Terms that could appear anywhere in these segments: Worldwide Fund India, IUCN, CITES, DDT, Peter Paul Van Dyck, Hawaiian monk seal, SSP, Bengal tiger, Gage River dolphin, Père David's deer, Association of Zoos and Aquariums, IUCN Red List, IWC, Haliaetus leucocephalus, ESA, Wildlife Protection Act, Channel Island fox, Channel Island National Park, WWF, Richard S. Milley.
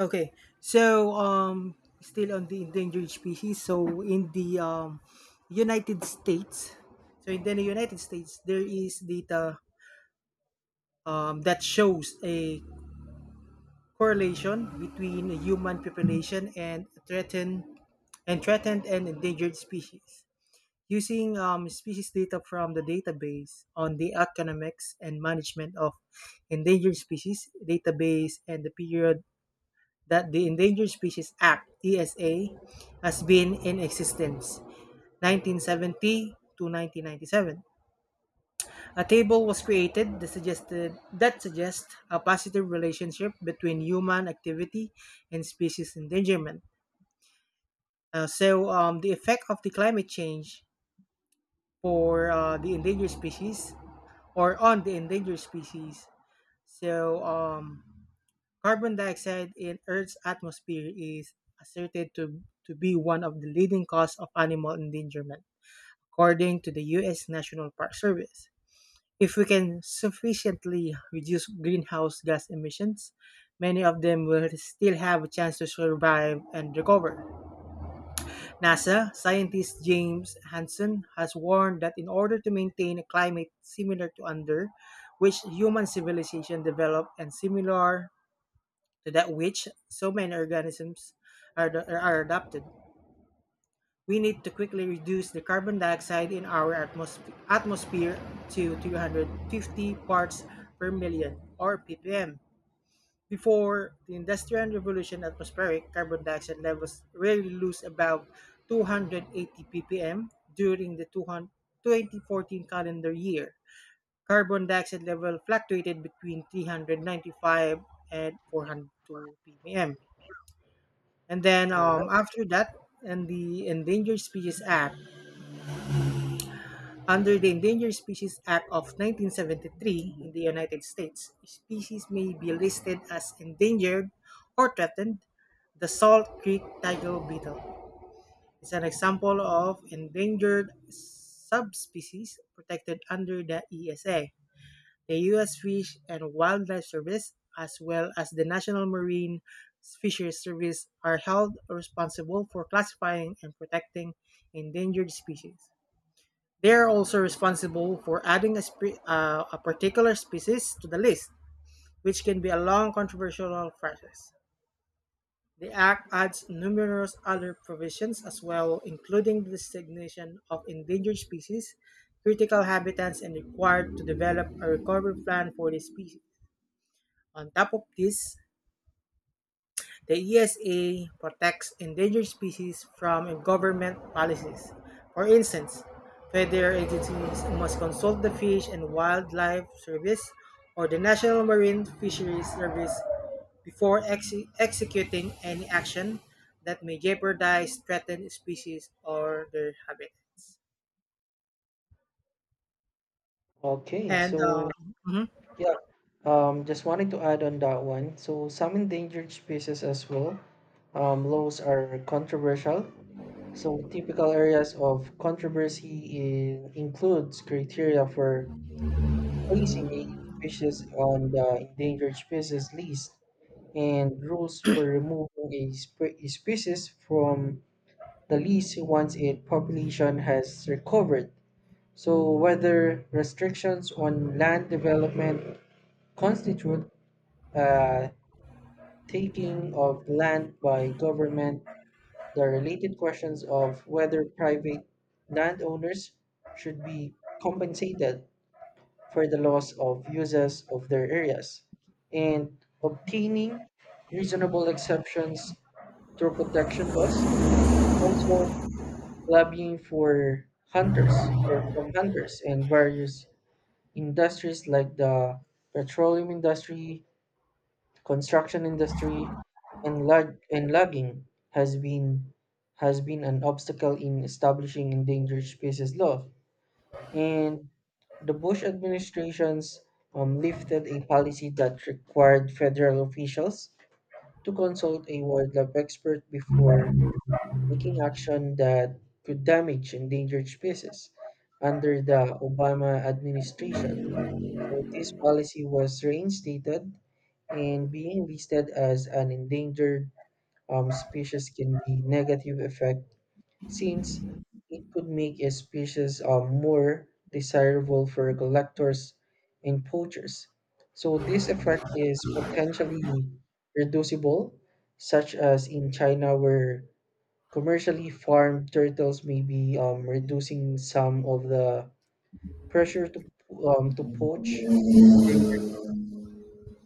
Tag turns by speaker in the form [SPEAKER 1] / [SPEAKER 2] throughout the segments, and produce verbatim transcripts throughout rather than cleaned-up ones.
[SPEAKER 1] Okay, so um, still on the endangered species. So in the um, United States, so in the United States, there is data um, that shows a correlation between human population and threatened and threatened and endangered species. Using um, species data from the database on the economics and management of endangered species database and the period that the Endangered Species Act (E S A) has been in existence nineteen seventy to nineteen ninety-seven. A table was created that suggested that suggests a positive relationship between human activity and species endangerment. Uh, so, um, the effect of the climate change for uh, the endangered species or on the endangered species. So, um, carbon dioxide in Earth's atmosphere is asserted to, to be one of the leading cause of animal endangerment, according to the U S. National Park Service. If we can sufficiently reduce greenhouse gas emissions, many of them will still have a chance to survive and recover. NASA scientist James Hansen has warned that in order to maintain a climate similar to under which human civilization developed and similar to that which so many organisms are, are adapted. We need to quickly reduce the carbon dioxide in our atmosp- atmosphere to three hundred fifty parts per million or ppm. Before the Industrial Revolution, atmospheric carbon dioxide levels rarely lose above two hundred eighty ppm during the twenty fourteen calendar year. Carbon dioxide level fluctuated between three hundred ninety-five and four hundred two ppm. And then
[SPEAKER 2] All
[SPEAKER 1] um,
[SPEAKER 2] right.
[SPEAKER 1] after that, and the Endangered Species Act, under the Endangered Species Act of nineteen seventy-three
[SPEAKER 2] Mhm.
[SPEAKER 1] in the United States, species may be listed as endangered or threatened. The Salt Creek tiger beetle is an example of endangered subspecies protected under the E S A. The U S. Fish and Wildlife Service, as well as the National Marine Fisheries Service, are held responsible for classifying and protecting endangered species. They are also responsible for adding a, spe- uh, a particular species to the list, which can be a long controversial process. The Act adds numerous other provisions as well, including the designation of endangered species, critical habitats, and required to develop a recovery plan for these species. On top of this, the E S A protects endangered species from government policies. For instance, federal agencies must consult the Fish and Wildlife Service or the National Marine Fisheries Service before exe- executing any action that may jeopardize threatened species or their habitats.
[SPEAKER 2] Okay.
[SPEAKER 1] And
[SPEAKER 2] So,
[SPEAKER 1] um, Mhm,
[SPEAKER 2] yeah, um, just wanted to add on that one. So, some endangered species as well. Um,
[SPEAKER 1] mhm.
[SPEAKER 2] laws are controversial. So, typical areas of controversy in, includes criteria for placing a species on the endangered species list and rules for removing a, spe- a species from the list once its population has recovered. So, whether restrictions on land development constitute uh, taking of land by government, the related questions of whether private landowners should be compensated for the loss of uses of their areas, and obtaining reasonable exceptions to protection laws, also lobbying for hunters or from hunters and various industries like the petroleum industry, construction industry, and lug and logging has been has been an obstacle in establishing endangered species law. And the Bush administrations um, lifted a policy that required federal officials to consult a wildlife expert before taking action that could damage endangered species under the Obama administration. So this policy was reinstated, and being listed as an endangered um, species can be negative effect since it could make a species um, more desirable for collectors and poachers. So this effect is potentially reducible, such as in China where commercially farmed turtles may be um, reducing some of the pressure to um, to poach.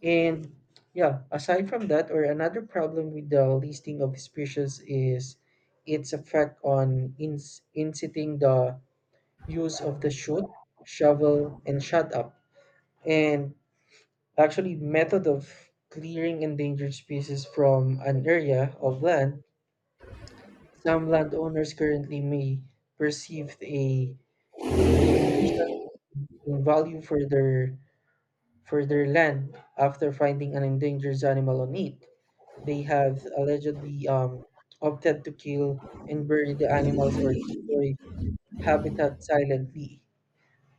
[SPEAKER 2] And yeah, aside from that, or another problem with the listing of species is its effect on ins- inciting the use of the shoot, shovel, and shut up, and actually method of clearing endangered species from an area of land. Some landowners currently may perceive a diminution in value for their for their land after finding an endangered animal on it. They have allegedly um, opted to kill and bury the animals or destroy habitat silently,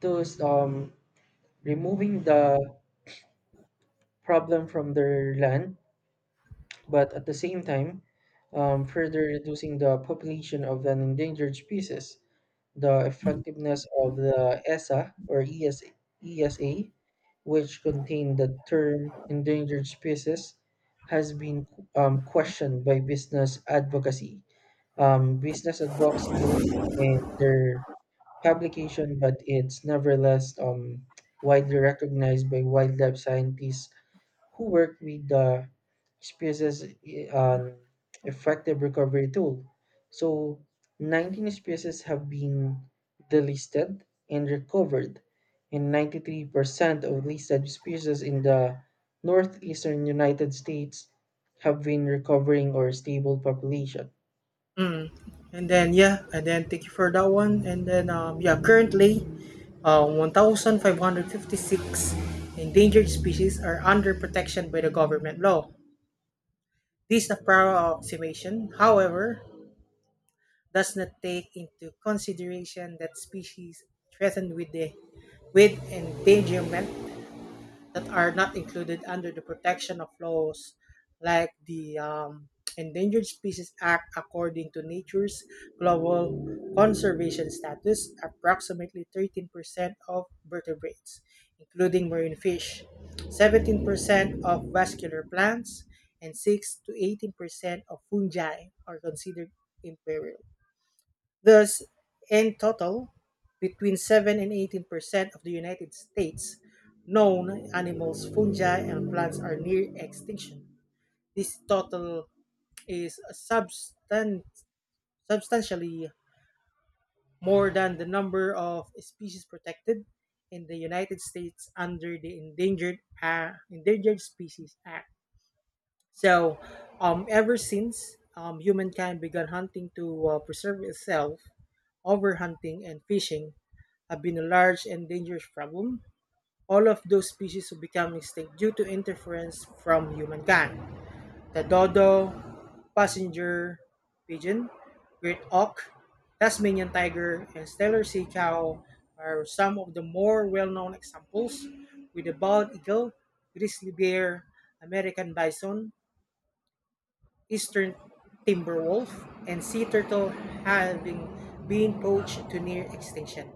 [SPEAKER 2] thus um, removing the problem from their land, but at the same time, um, further reducing the population of an endangered species. The effectiveness of the E S A or E S A, which contained the term endangered species, has been um, questioned by business advocacy, um, business advocacy group, and their publication, but it's nevertheless um, widely recognized by wildlife scientists who work with the species on effective recovery tool. So nineteen species have been delisted and recovered, and ninety-three percent of listed species in the northeastern United States have been recovering or stable population.
[SPEAKER 1] And then, yeah, and then thank you for that one. And then, um, yeah, currently, uh, one thousand five hundred fifty-six endangered species are under protection by the government law. This is a proud approximation, however, does not take into consideration that species threatened with the with endangerment that are not included under the protection of laws like the um, Endangered Species Act, according to nature's global conservation status, approximately thirteen percent of vertebrates, including marine fish, seventeen percent of vascular plants, and six to eighteen percent of fungi are considered imperial. Thus, in total, between seven and eighteen percent of the United States' known animals, fungi, and plants are near extinction. This total is substan- substantially more than the number of species protected in the United States under the Endangered, uh, Endangered Species Act. So, um, ever since um, humankind began hunting to uh, preserve itself, overhunting and fishing have been a large and dangerous problem. All of those species will become extinct due to interference from humankind. The dodo, passenger pigeon, great auk, Tasmanian tiger, and stellar sea cow are some of the more well-known examples, with the bald eagle, grizzly bear, American bison, Eastern timberwolf and sea turtle having been poached to near extinction.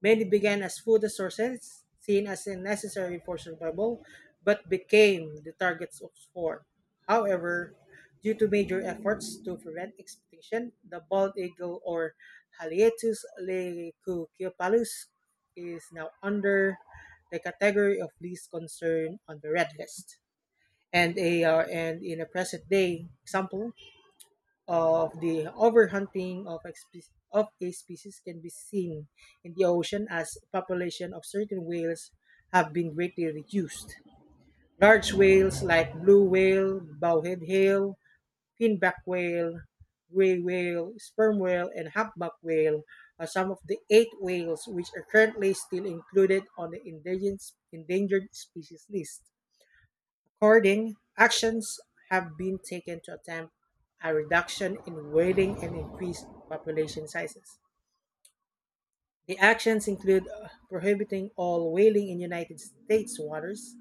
[SPEAKER 1] Many began as food sources, seen as a necessary for survival, but became the targets of sport. However, due to major efforts to prevent extinction, the bald eagle or Haliaetus leucocephalus is now under the category of least concern on the red list. And a uh, and in a present day example, of the overhunting of, a spe- of a species can be seen in the ocean as population of certain whales have been greatly reduced. Large whales like blue whale, bowhead whale, finback whale, gray whale, sperm whale, and humpback whale are some of the eight whales which are currently still included on the endangered, endangered species list. According, actions have been taken to attempt a reduction in whaling and increased population sizes. The actions include uh, prohibiting all whaling in United States waters,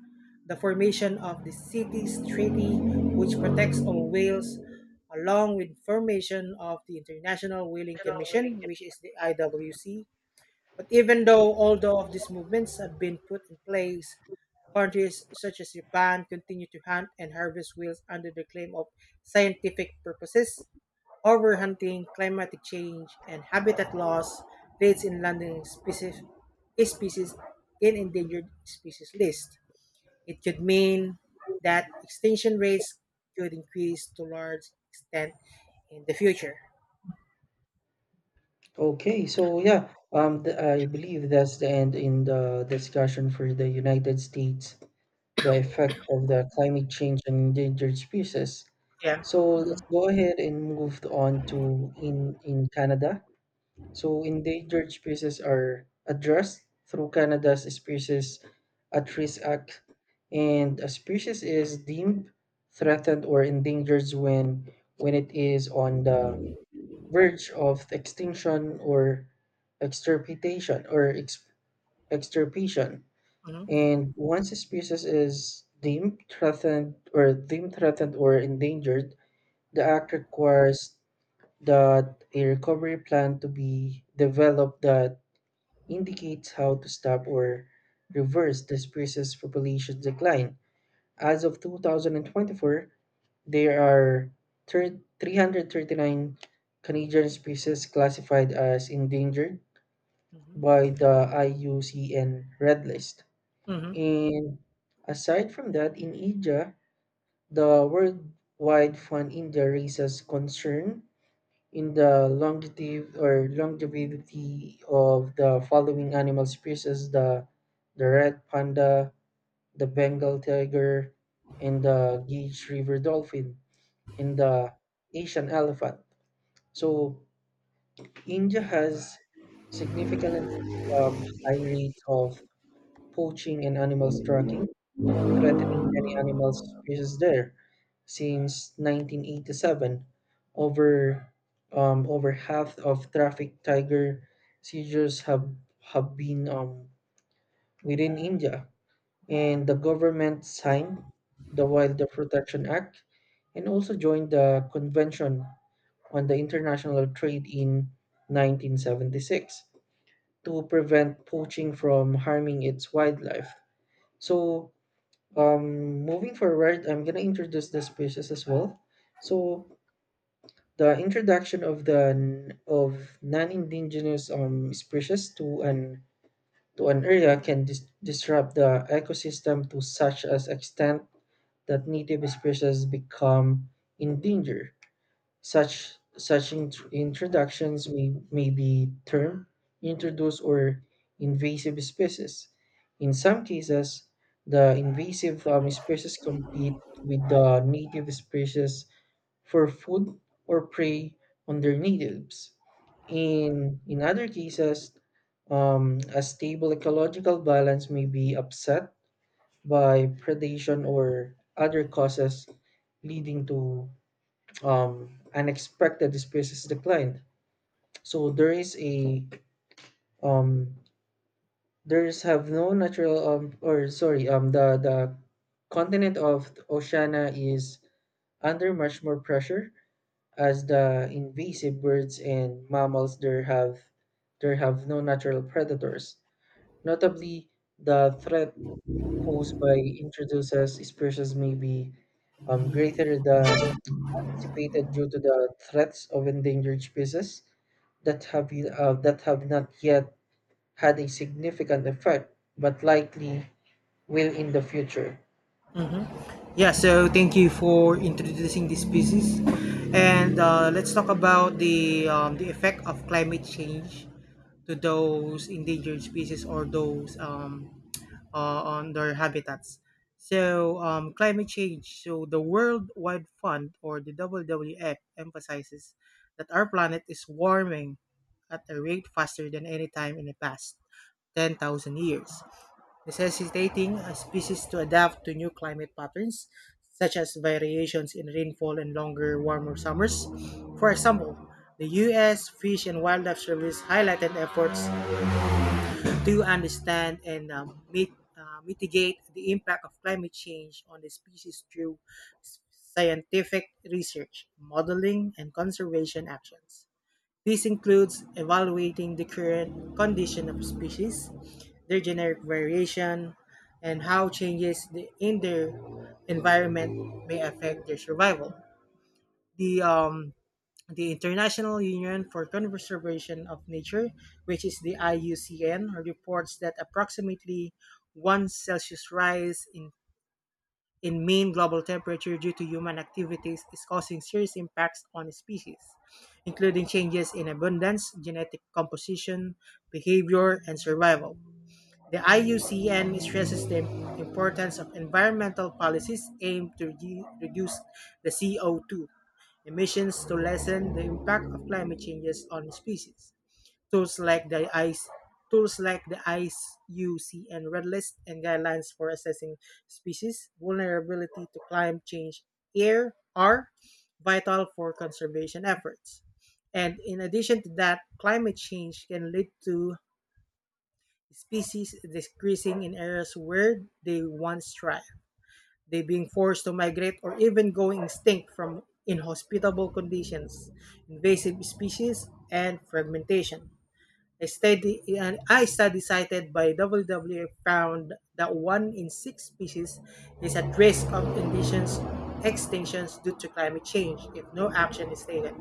[SPEAKER 1] the formation of the CITES Treaty, which protects all whales, along with formation of the International Whaling Commission, which is the I W C, but even though although of these movements have been put in place, countries such as Japan continue to hunt and harvest whales under the claim of scientific purposes. Overhunting, climatic change, and habitat loss leads in landing species, a species in endangered species list. It could mean that extinction rates could increase to large extent in the future.
[SPEAKER 2] Okay, so yeah, um, th I believe that's the end in the discussion for the United States, the effect of the climate change on endangered species.
[SPEAKER 1] Yeah.
[SPEAKER 2] So
[SPEAKER 1] Hmm.
[SPEAKER 2] let's go ahead and move on to in in Canada. So endangered species are addressed through Canada's Species at Risk Act, and a species is deemed threatened or endangered when when it is on the verge of extinction or extirpation or ex- extirpation.
[SPEAKER 1] Hmm.
[SPEAKER 2] And once a species is deemed threatened or deemed threatened or endangered, the act requires that a recovery plan to be developed that indicates how to stop or reverse the species population decline. As of two thousand twenty-four, there are thir- three hundred thirty-nine Canadian species classified as endangered by the I U C N Red List.
[SPEAKER 1] Hmm.
[SPEAKER 2] And aside from that, in India, the Worldwide Fund India raises concern in the longevity or longevity of the following animal species: the the red panda, the Bengal tiger, and the Gage River dolphin in the Asian elephant. So India has significantly um, high rates of poaching and animal tracking, threatening many animal species there. Since nineteen eighty-seven, over um, over half of traffic tiger seizures have have been um, within India, and the government signed the Wildlife Protection Act and also joined the convention on the international trade in nineteen seventy-six to prevent poaching from harming its wildlife. So, um, moving forward, I'm gonna introduce the species as well. So, the introduction of the of non-indigenous um, species to an to an area can dis- disrupt the ecosystem to such as extent that native species become endangered. Such such int- introductions may, may be termed introduced or invasive species. In some cases, the invasive um, species compete with the native species for food or prey on their natives. In in other cases, um, a stable ecological balance may be upset by predation or other causes, leading to um, unexpected species decline. So there is a um, there's have no natural um, or sorry um, the the continent of Oceania is under much more pressure as the invasive birds and mammals there have there have no natural predators. Notably, the threat posed by introduced species may be um, greater than anticipated due to the threats of endangered species that have, uh, that have not yet had a significant effect, but likely will in the future.
[SPEAKER 1] Yeah, so thank you for introducing this species. And uh, let's talk about the, um, the effect of climate change to those endangered species or those um, uh, on their habitats. So, um, climate change. So, the World Wide Fund or the W W F emphasizes that our planet is warming at a rate faster than any time in the past ten thousand years. Necessitating a species to adapt to new climate patterns, such as variations in rainfall and longer, warmer summers. For example, the U S. Fish and Wildlife Service highlighted efforts to understand and um, mit- uh, mitigate the impact of climate change on the species through s- scientific research, modeling, and conservation actions. This includes evaluating the current condition of species, their genetic variation, and how changes the- in their environment may affect their survival. The um, the International Union for Conservation of Nature, which is the I U C N, reports that approximately one Celsius rise in in Maine, global temperature due to human activities is causing serious impacts on species, including changes in abundance, genetic composition, behavior, and survival. The I U C N stresses the importance of environmental policies aimed to re- reduce the C O two emissions to lessen the impact of climate changes on species. Tools like the ICE, tools like the I C U C N Red List and guidelines for assessing species vulnerability to climate change air are vital for conservation efforts. And in addition to that, climate change can lead to species decreasing in areas where they once thrived. They being forced to migrate or even going extinct from inhospitable conditions, invasive species, and fragmentation. A study, an I study cited by W W F found that one in six species is at risk of indigenous extinctions due to climate change if no action is taken.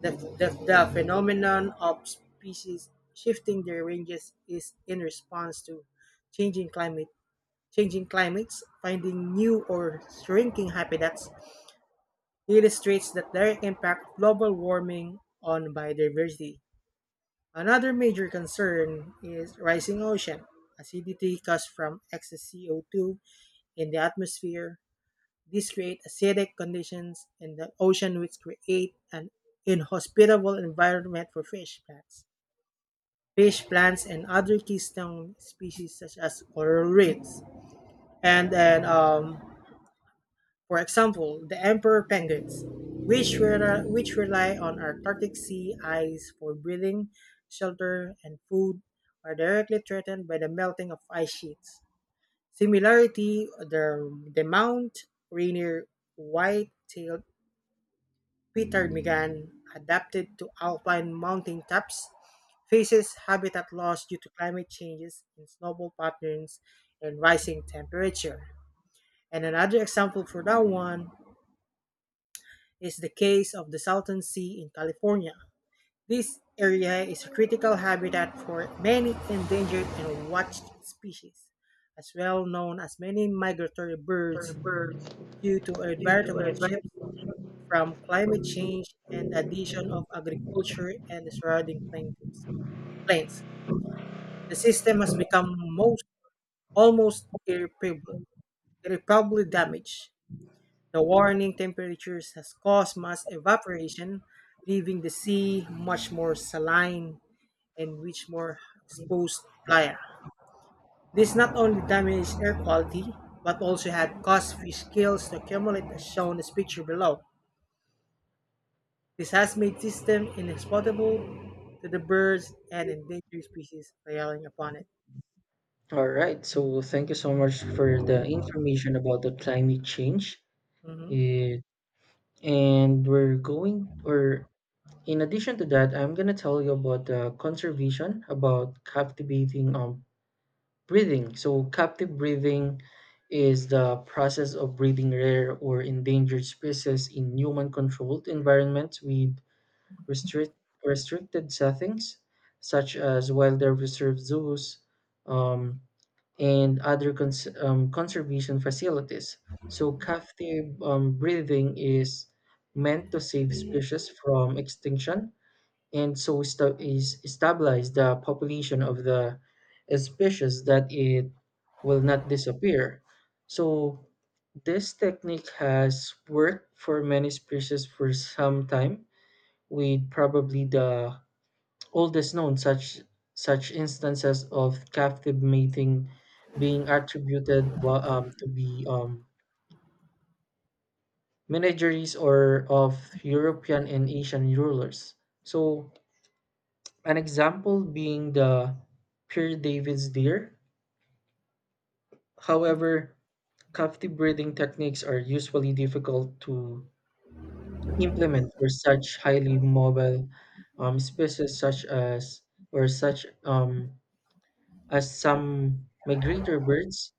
[SPEAKER 1] The, the, the phenomenon of species shifting their ranges is in response to changing climate changing climates, finding new or shrinking habitats illustrates that direct impact of global warming on biodiversity. Another major concern is rising ocean acidity caused from excess C O two in the atmosphere. These create acidic conditions in the ocean, which create an inhospitable environment for fish plants. Fish plants and other keystone species such as coral reefs. And then um, For example, the emperor penguins, which, rely, which rely on Antarctic sea ice for breathing, shelter, and food, are directly threatened by the melting of ice sheets. Similarity, the, the Mount Rainier white-tailed ptarmigan, adapted to alpine mountain tops, faces habitat loss due to climate changes in snowfall patterns and rising temperature. And another example for that one is the case of the Salton Sea in California. This area is a critical habitat for many endangered and watched species, as well known as many migratory
[SPEAKER 2] After
[SPEAKER 1] birds
[SPEAKER 2] birth
[SPEAKER 1] due to
[SPEAKER 2] due to
[SPEAKER 1] environmental
[SPEAKER 2] advanced.
[SPEAKER 1] shifts from climate change and the addition of agriculture and the surrounding plaintiffs- plains. The system has become most almost irreparably, irreparably damaged. The warming temperatures has caused mass evaporation, leaving the sea much more saline and much more exposed playa. This not only damaged air quality, but also had caused fish kills to accumulate as shown in this picture below. This has made system inhospitable to the birds and endangered species relying upon it.
[SPEAKER 2] All right, so thank you so much for the information about the climate change.
[SPEAKER 1] Mhm.
[SPEAKER 2] It, and we're going, or in addition to that, I'm gonna tell you about the conservation, about captivating um breathing. So, captive breathing is the process of breeding rare or endangered species in human controlled environments with restrict, restricted settings, such as wildlife reserve zoos um, and other cons- um, conservation facilities. So, captive um, breathing is meant to save species from extinction and so sta- is stabilize the population of the species that it will not disappear. So this technique has worked for many species for some time, with probably the oldest known such such instances of captive mating being attributed wa- um, to be um, menageries or of European and Asian rulers. So an example being the pure David's deer. However, captive breeding techniques are usually difficult to implement for such highly mobile um, species such as or such um, as some migratory birds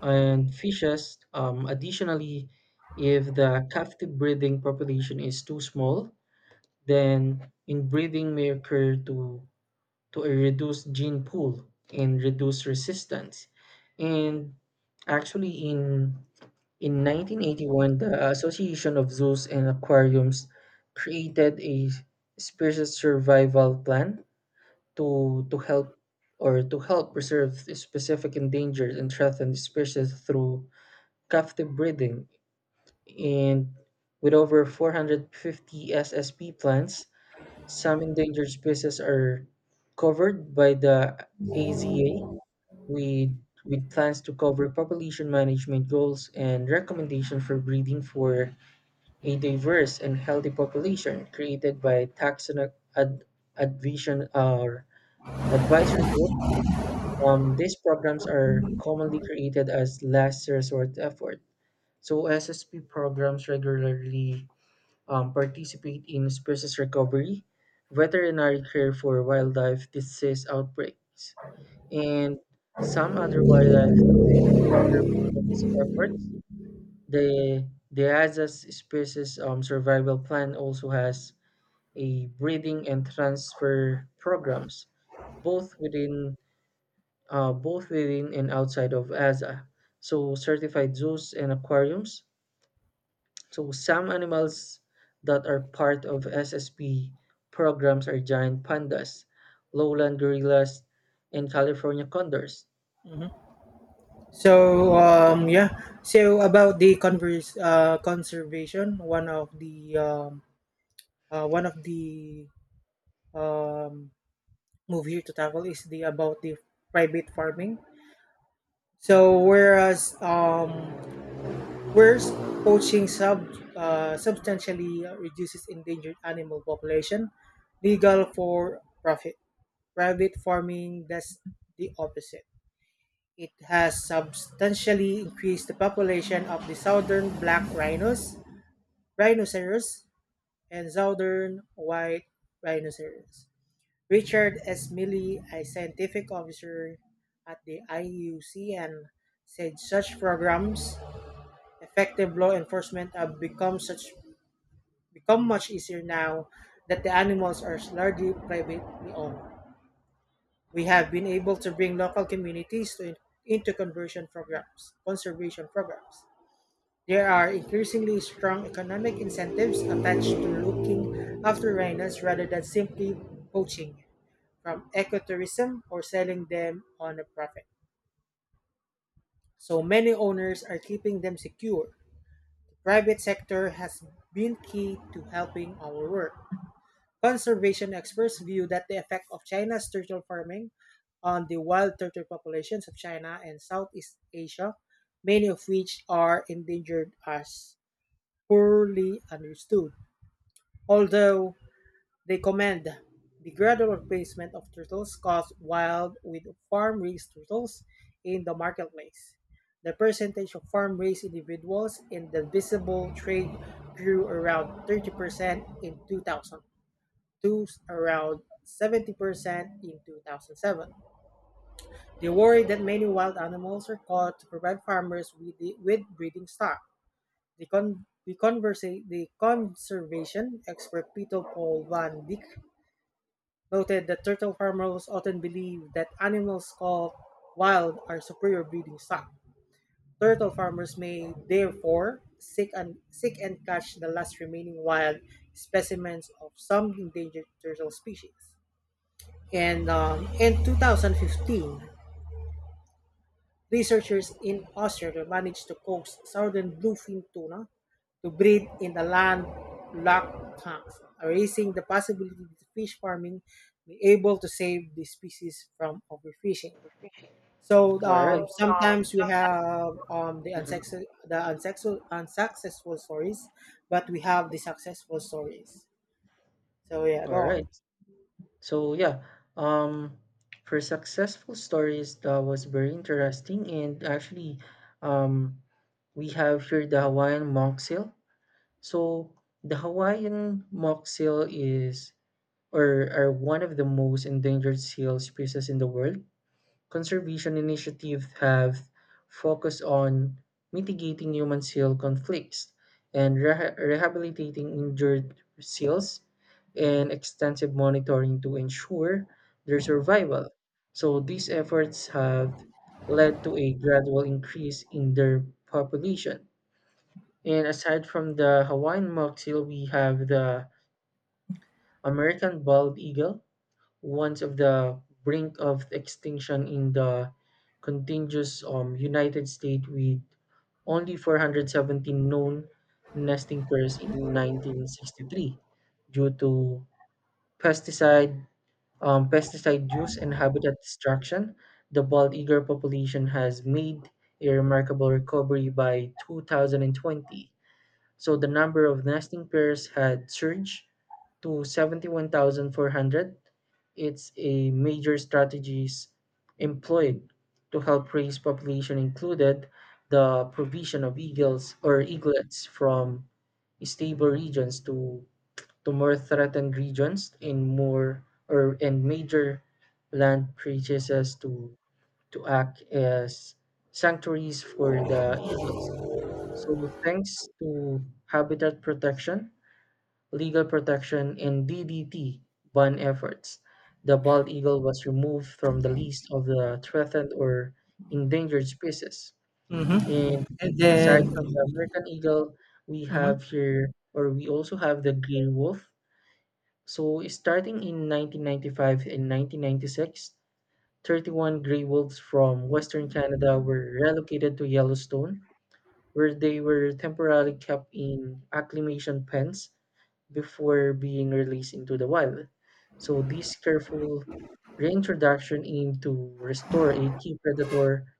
[SPEAKER 2] and fishes. Um, additionally, if the captive breeding population is too small, then inbreeding may occur to to a reduced gene pool and reduce resistance. And actually, in in nineteen eighty-one, the Association of Zoos and Aquariums created a species survival plan to to help or to help preserve specific endangered and threatened species through captive breeding, and with over four hundred fifty S S P plants some endangered species are covered by the A Z A with, with plans to cover population management goals and recommendations for breeding for a diverse and healthy population created by taxonomic ad, advision or advisory groups. Um, these programs are commonly created as last resort effort. So S S P programs regularly um, participate in species recovery, veterinary care for wildlife disease outbreaks, and some other wildlife conservation efforts. The the Azaz Species um, Survival Plan also has a breeding and transfer programs, both within uh, both within and outside of A Z A, so certified zoos and aquariums. So some animals that are part of S S P programs are giant pandas, lowland gorillas, and California condors.
[SPEAKER 1] Mhm. So um yeah, so about the converse, uh, conservation, one of the um, uh, one of the um, move here to tackle is the about the private farming. So whereas um, whereas poaching sub uh, substantially reduces endangered animal population, legal for profit private farming does the opposite. It has substantially increased the population of the southern black rhinos, rhinoceros, and southern white rhinoceros. Richard S. Milley, a scientific officer at the I U C N, said such programs, effective law enforcement have become such become much easier now that the animals are largely privately owned. We have been able to bring local communities to, into conversion programs, conservation programs. There are increasingly strong economic incentives attached to looking after rhinos rather than simply poaching, from ecotourism or selling them on a profit. So many owners are keeping them secure. The private sector has been key to helping our work. Conservation experts view that the effect of China's turtle farming on the wild turtle populations of China and Southeast Asia, many of which are endangered, as poorly understood. Although, they commend the gradual replacement of turtles caught wild with farm-raised turtles in the marketplace. The percentage of farm-raised individuals in the visible trade grew around thirty percent in two thousand to around seventy percent in two thousand seven. They worry that many wild animals are caught to provide farmers with, the, with breeding stock. The, con, the, conversa- the conservation expert Peter Paul Van Dyck noted that turtle farmers often believe that animals called wild are superior breeding stock. Turtle farmers may therefore seek and seek and catch the last remaining wild specimens of some endangered turtle species. And um, in two thousand fifteen, researchers in Australia managed to coax southern bluefin tuna to breed in the landlocked tanks, raising the possibility that fish farming be able to save the species from overfishing. So
[SPEAKER 2] All right.
[SPEAKER 1] um,
[SPEAKER 2] um,
[SPEAKER 1] sometimes we have um, the
[SPEAKER 2] Mhm.
[SPEAKER 1] unsuccessful, the unsuccessful, unsuccessful stories, but we have the successful stories. So yeah,
[SPEAKER 2] All
[SPEAKER 1] go
[SPEAKER 2] right.
[SPEAKER 1] on.
[SPEAKER 2] So yeah, um, for successful stories, that was very interesting, and actually, um, we have here the Hawaiian mock seal. So the Hawaiian mock seal is or are one of the most endangered seal species in the world. Conservation initiatives have focused on mitigating human seal conflicts and reha- rehabilitating injured seals and extensive monitoring to ensure their survival. So these efforts have led to a gradual increase in their population. And aside from the Hawaiian mock seal, we have the American bald eagle, once of the brink of extinction in the contiguous um, United States with only four hundred seventeen known nesting pairs in nineteen sixty-three due to pesticide um, pesticide use and habitat destruction. The bald eagle population has made a remarkable recovery by two thousand twenty. So the number of nesting pairs had surged to seventy-one thousand four hundred. It's a major strategies employed to help raise population included the provision of eagles or eaglets from stable regions to, to more threatened regions in more or and major land purchases to to act as sanctuaries for the eagles. So, thanks to habitat protection, legal protection, and D D T ban efforts, the bald eagle was removed from the list of the threatened or endangered species.
[SPEAKER 1] Hmm.
[SPEAKER 2] And
[SPEAKER 1] And then,
[SPEAKER 2] aside from the American eagle, we have
[SPEAKER 1] mhm.
[SPEAKER 2] here, or we also have the gray wolf. So, starting in nineteen ninety-five and nineteen ninety-six, thirty-one gray wolves from Western Canada were relocated to Yellowstone where they were temporarily kept in acclimation pens before being released into the wild. So this careful reintroduction aimed to restore a key predator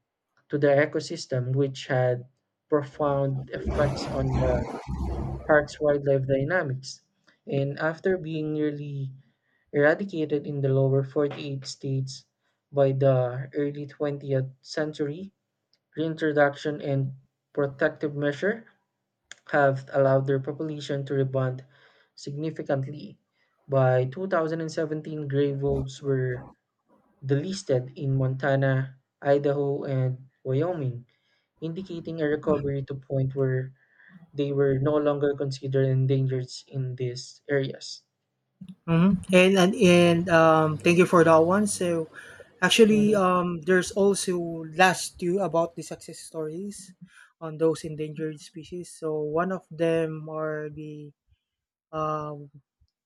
[SPEAKER 2] to the ecosystem, which had profound effects on the park's wildlife dynamics. And after being nearly eradicated in the lower forty-eight states by the early twentieth century, reintroduction and protective measure have allowed their population to rebound significantly. By two thousand seventeen, gray wolves were delisted in Montana, Idaho, and Wyoming, indicating a recovery to point where they were no longer considered endangered in these areas.
[SPEAKER 1] Mhm. And and and um, thank you for that one. So, actually,
[SPEAKER 2] Mhm.
[SPEAKER 1] um, there's also last two about the success stories on those endangered species. So one of them are the um,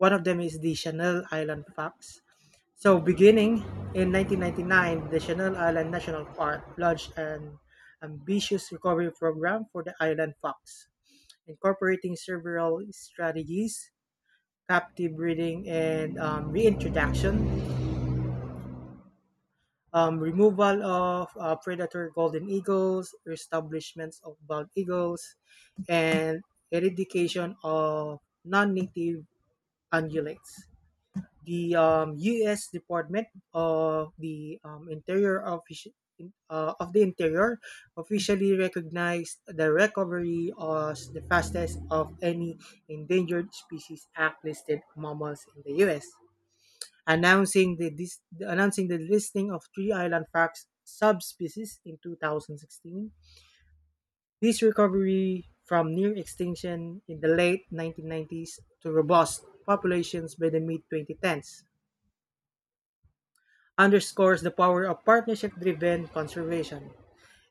[SPEAKER 1] one of them is the Channel Island fox. So beginning in nineteen ninety-nine, the Channel Island National Park launched an ambitious recovery program for the island fox, incorporating several strategies captive breeding and um, reintroduction, um, removal of uh, predator golden eagles, establishments of bald eagles, and eradication of non-native ungulates. The um, U S. Department of the um, Interior offici- uh, of the Interior officially recognized the recovery as the fastest of any endangered species act listed mammals in the U S announcing the dis- announcing the listing of three island fox subspecies in two thousand sixteen. This recovery from near extinction in the late nineteen nineties to robust populations by the mid twenty tens underscores the power of partnership driven conservation.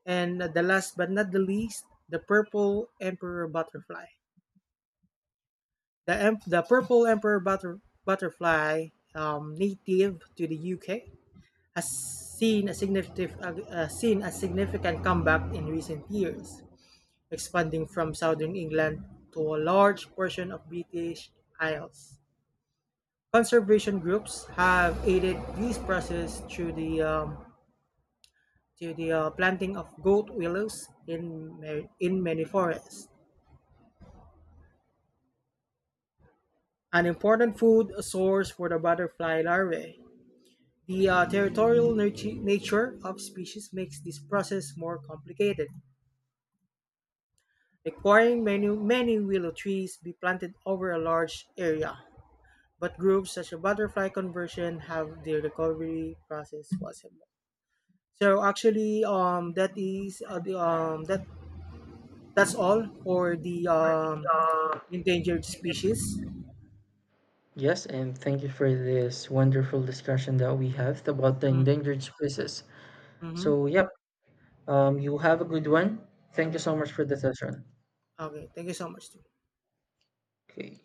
[SPEAKER 1] And the last but not the least, the purple emperor butterfly. The, em- the purple emperor butter- butterfly, um, native to the U K, has seen a significant uh, seen a significant comeback in recent years, expanding from southern England to a large portion of British Isles. Conservation groups have aided this process through the um, to the uh, planting of goat willows in ma- in many forests. An important food source for the butterfly larvae. The uh, territorial natu- nature of species makes this process more complicated requiring many, many willow trees be planted over a large area. But groups such as butterfly conversion have the recovery process possible. So actually, um, that is uh, the, um, that that's all for the um, endangered species.
[SPEAKER 2] Yes, and thank you for this wonderful discussion that we have about the
[SPEAKER 1] Mm,
[SPEAKER 2] endangered species.
[SPEAKER 1] mm-hmm.
[SPEAKER 2] So, yep, um, you have a good one. Thank you so much for the session.
[SPEAKER 1] Okay, thank you so much.
[SPEAKER 2] Okay.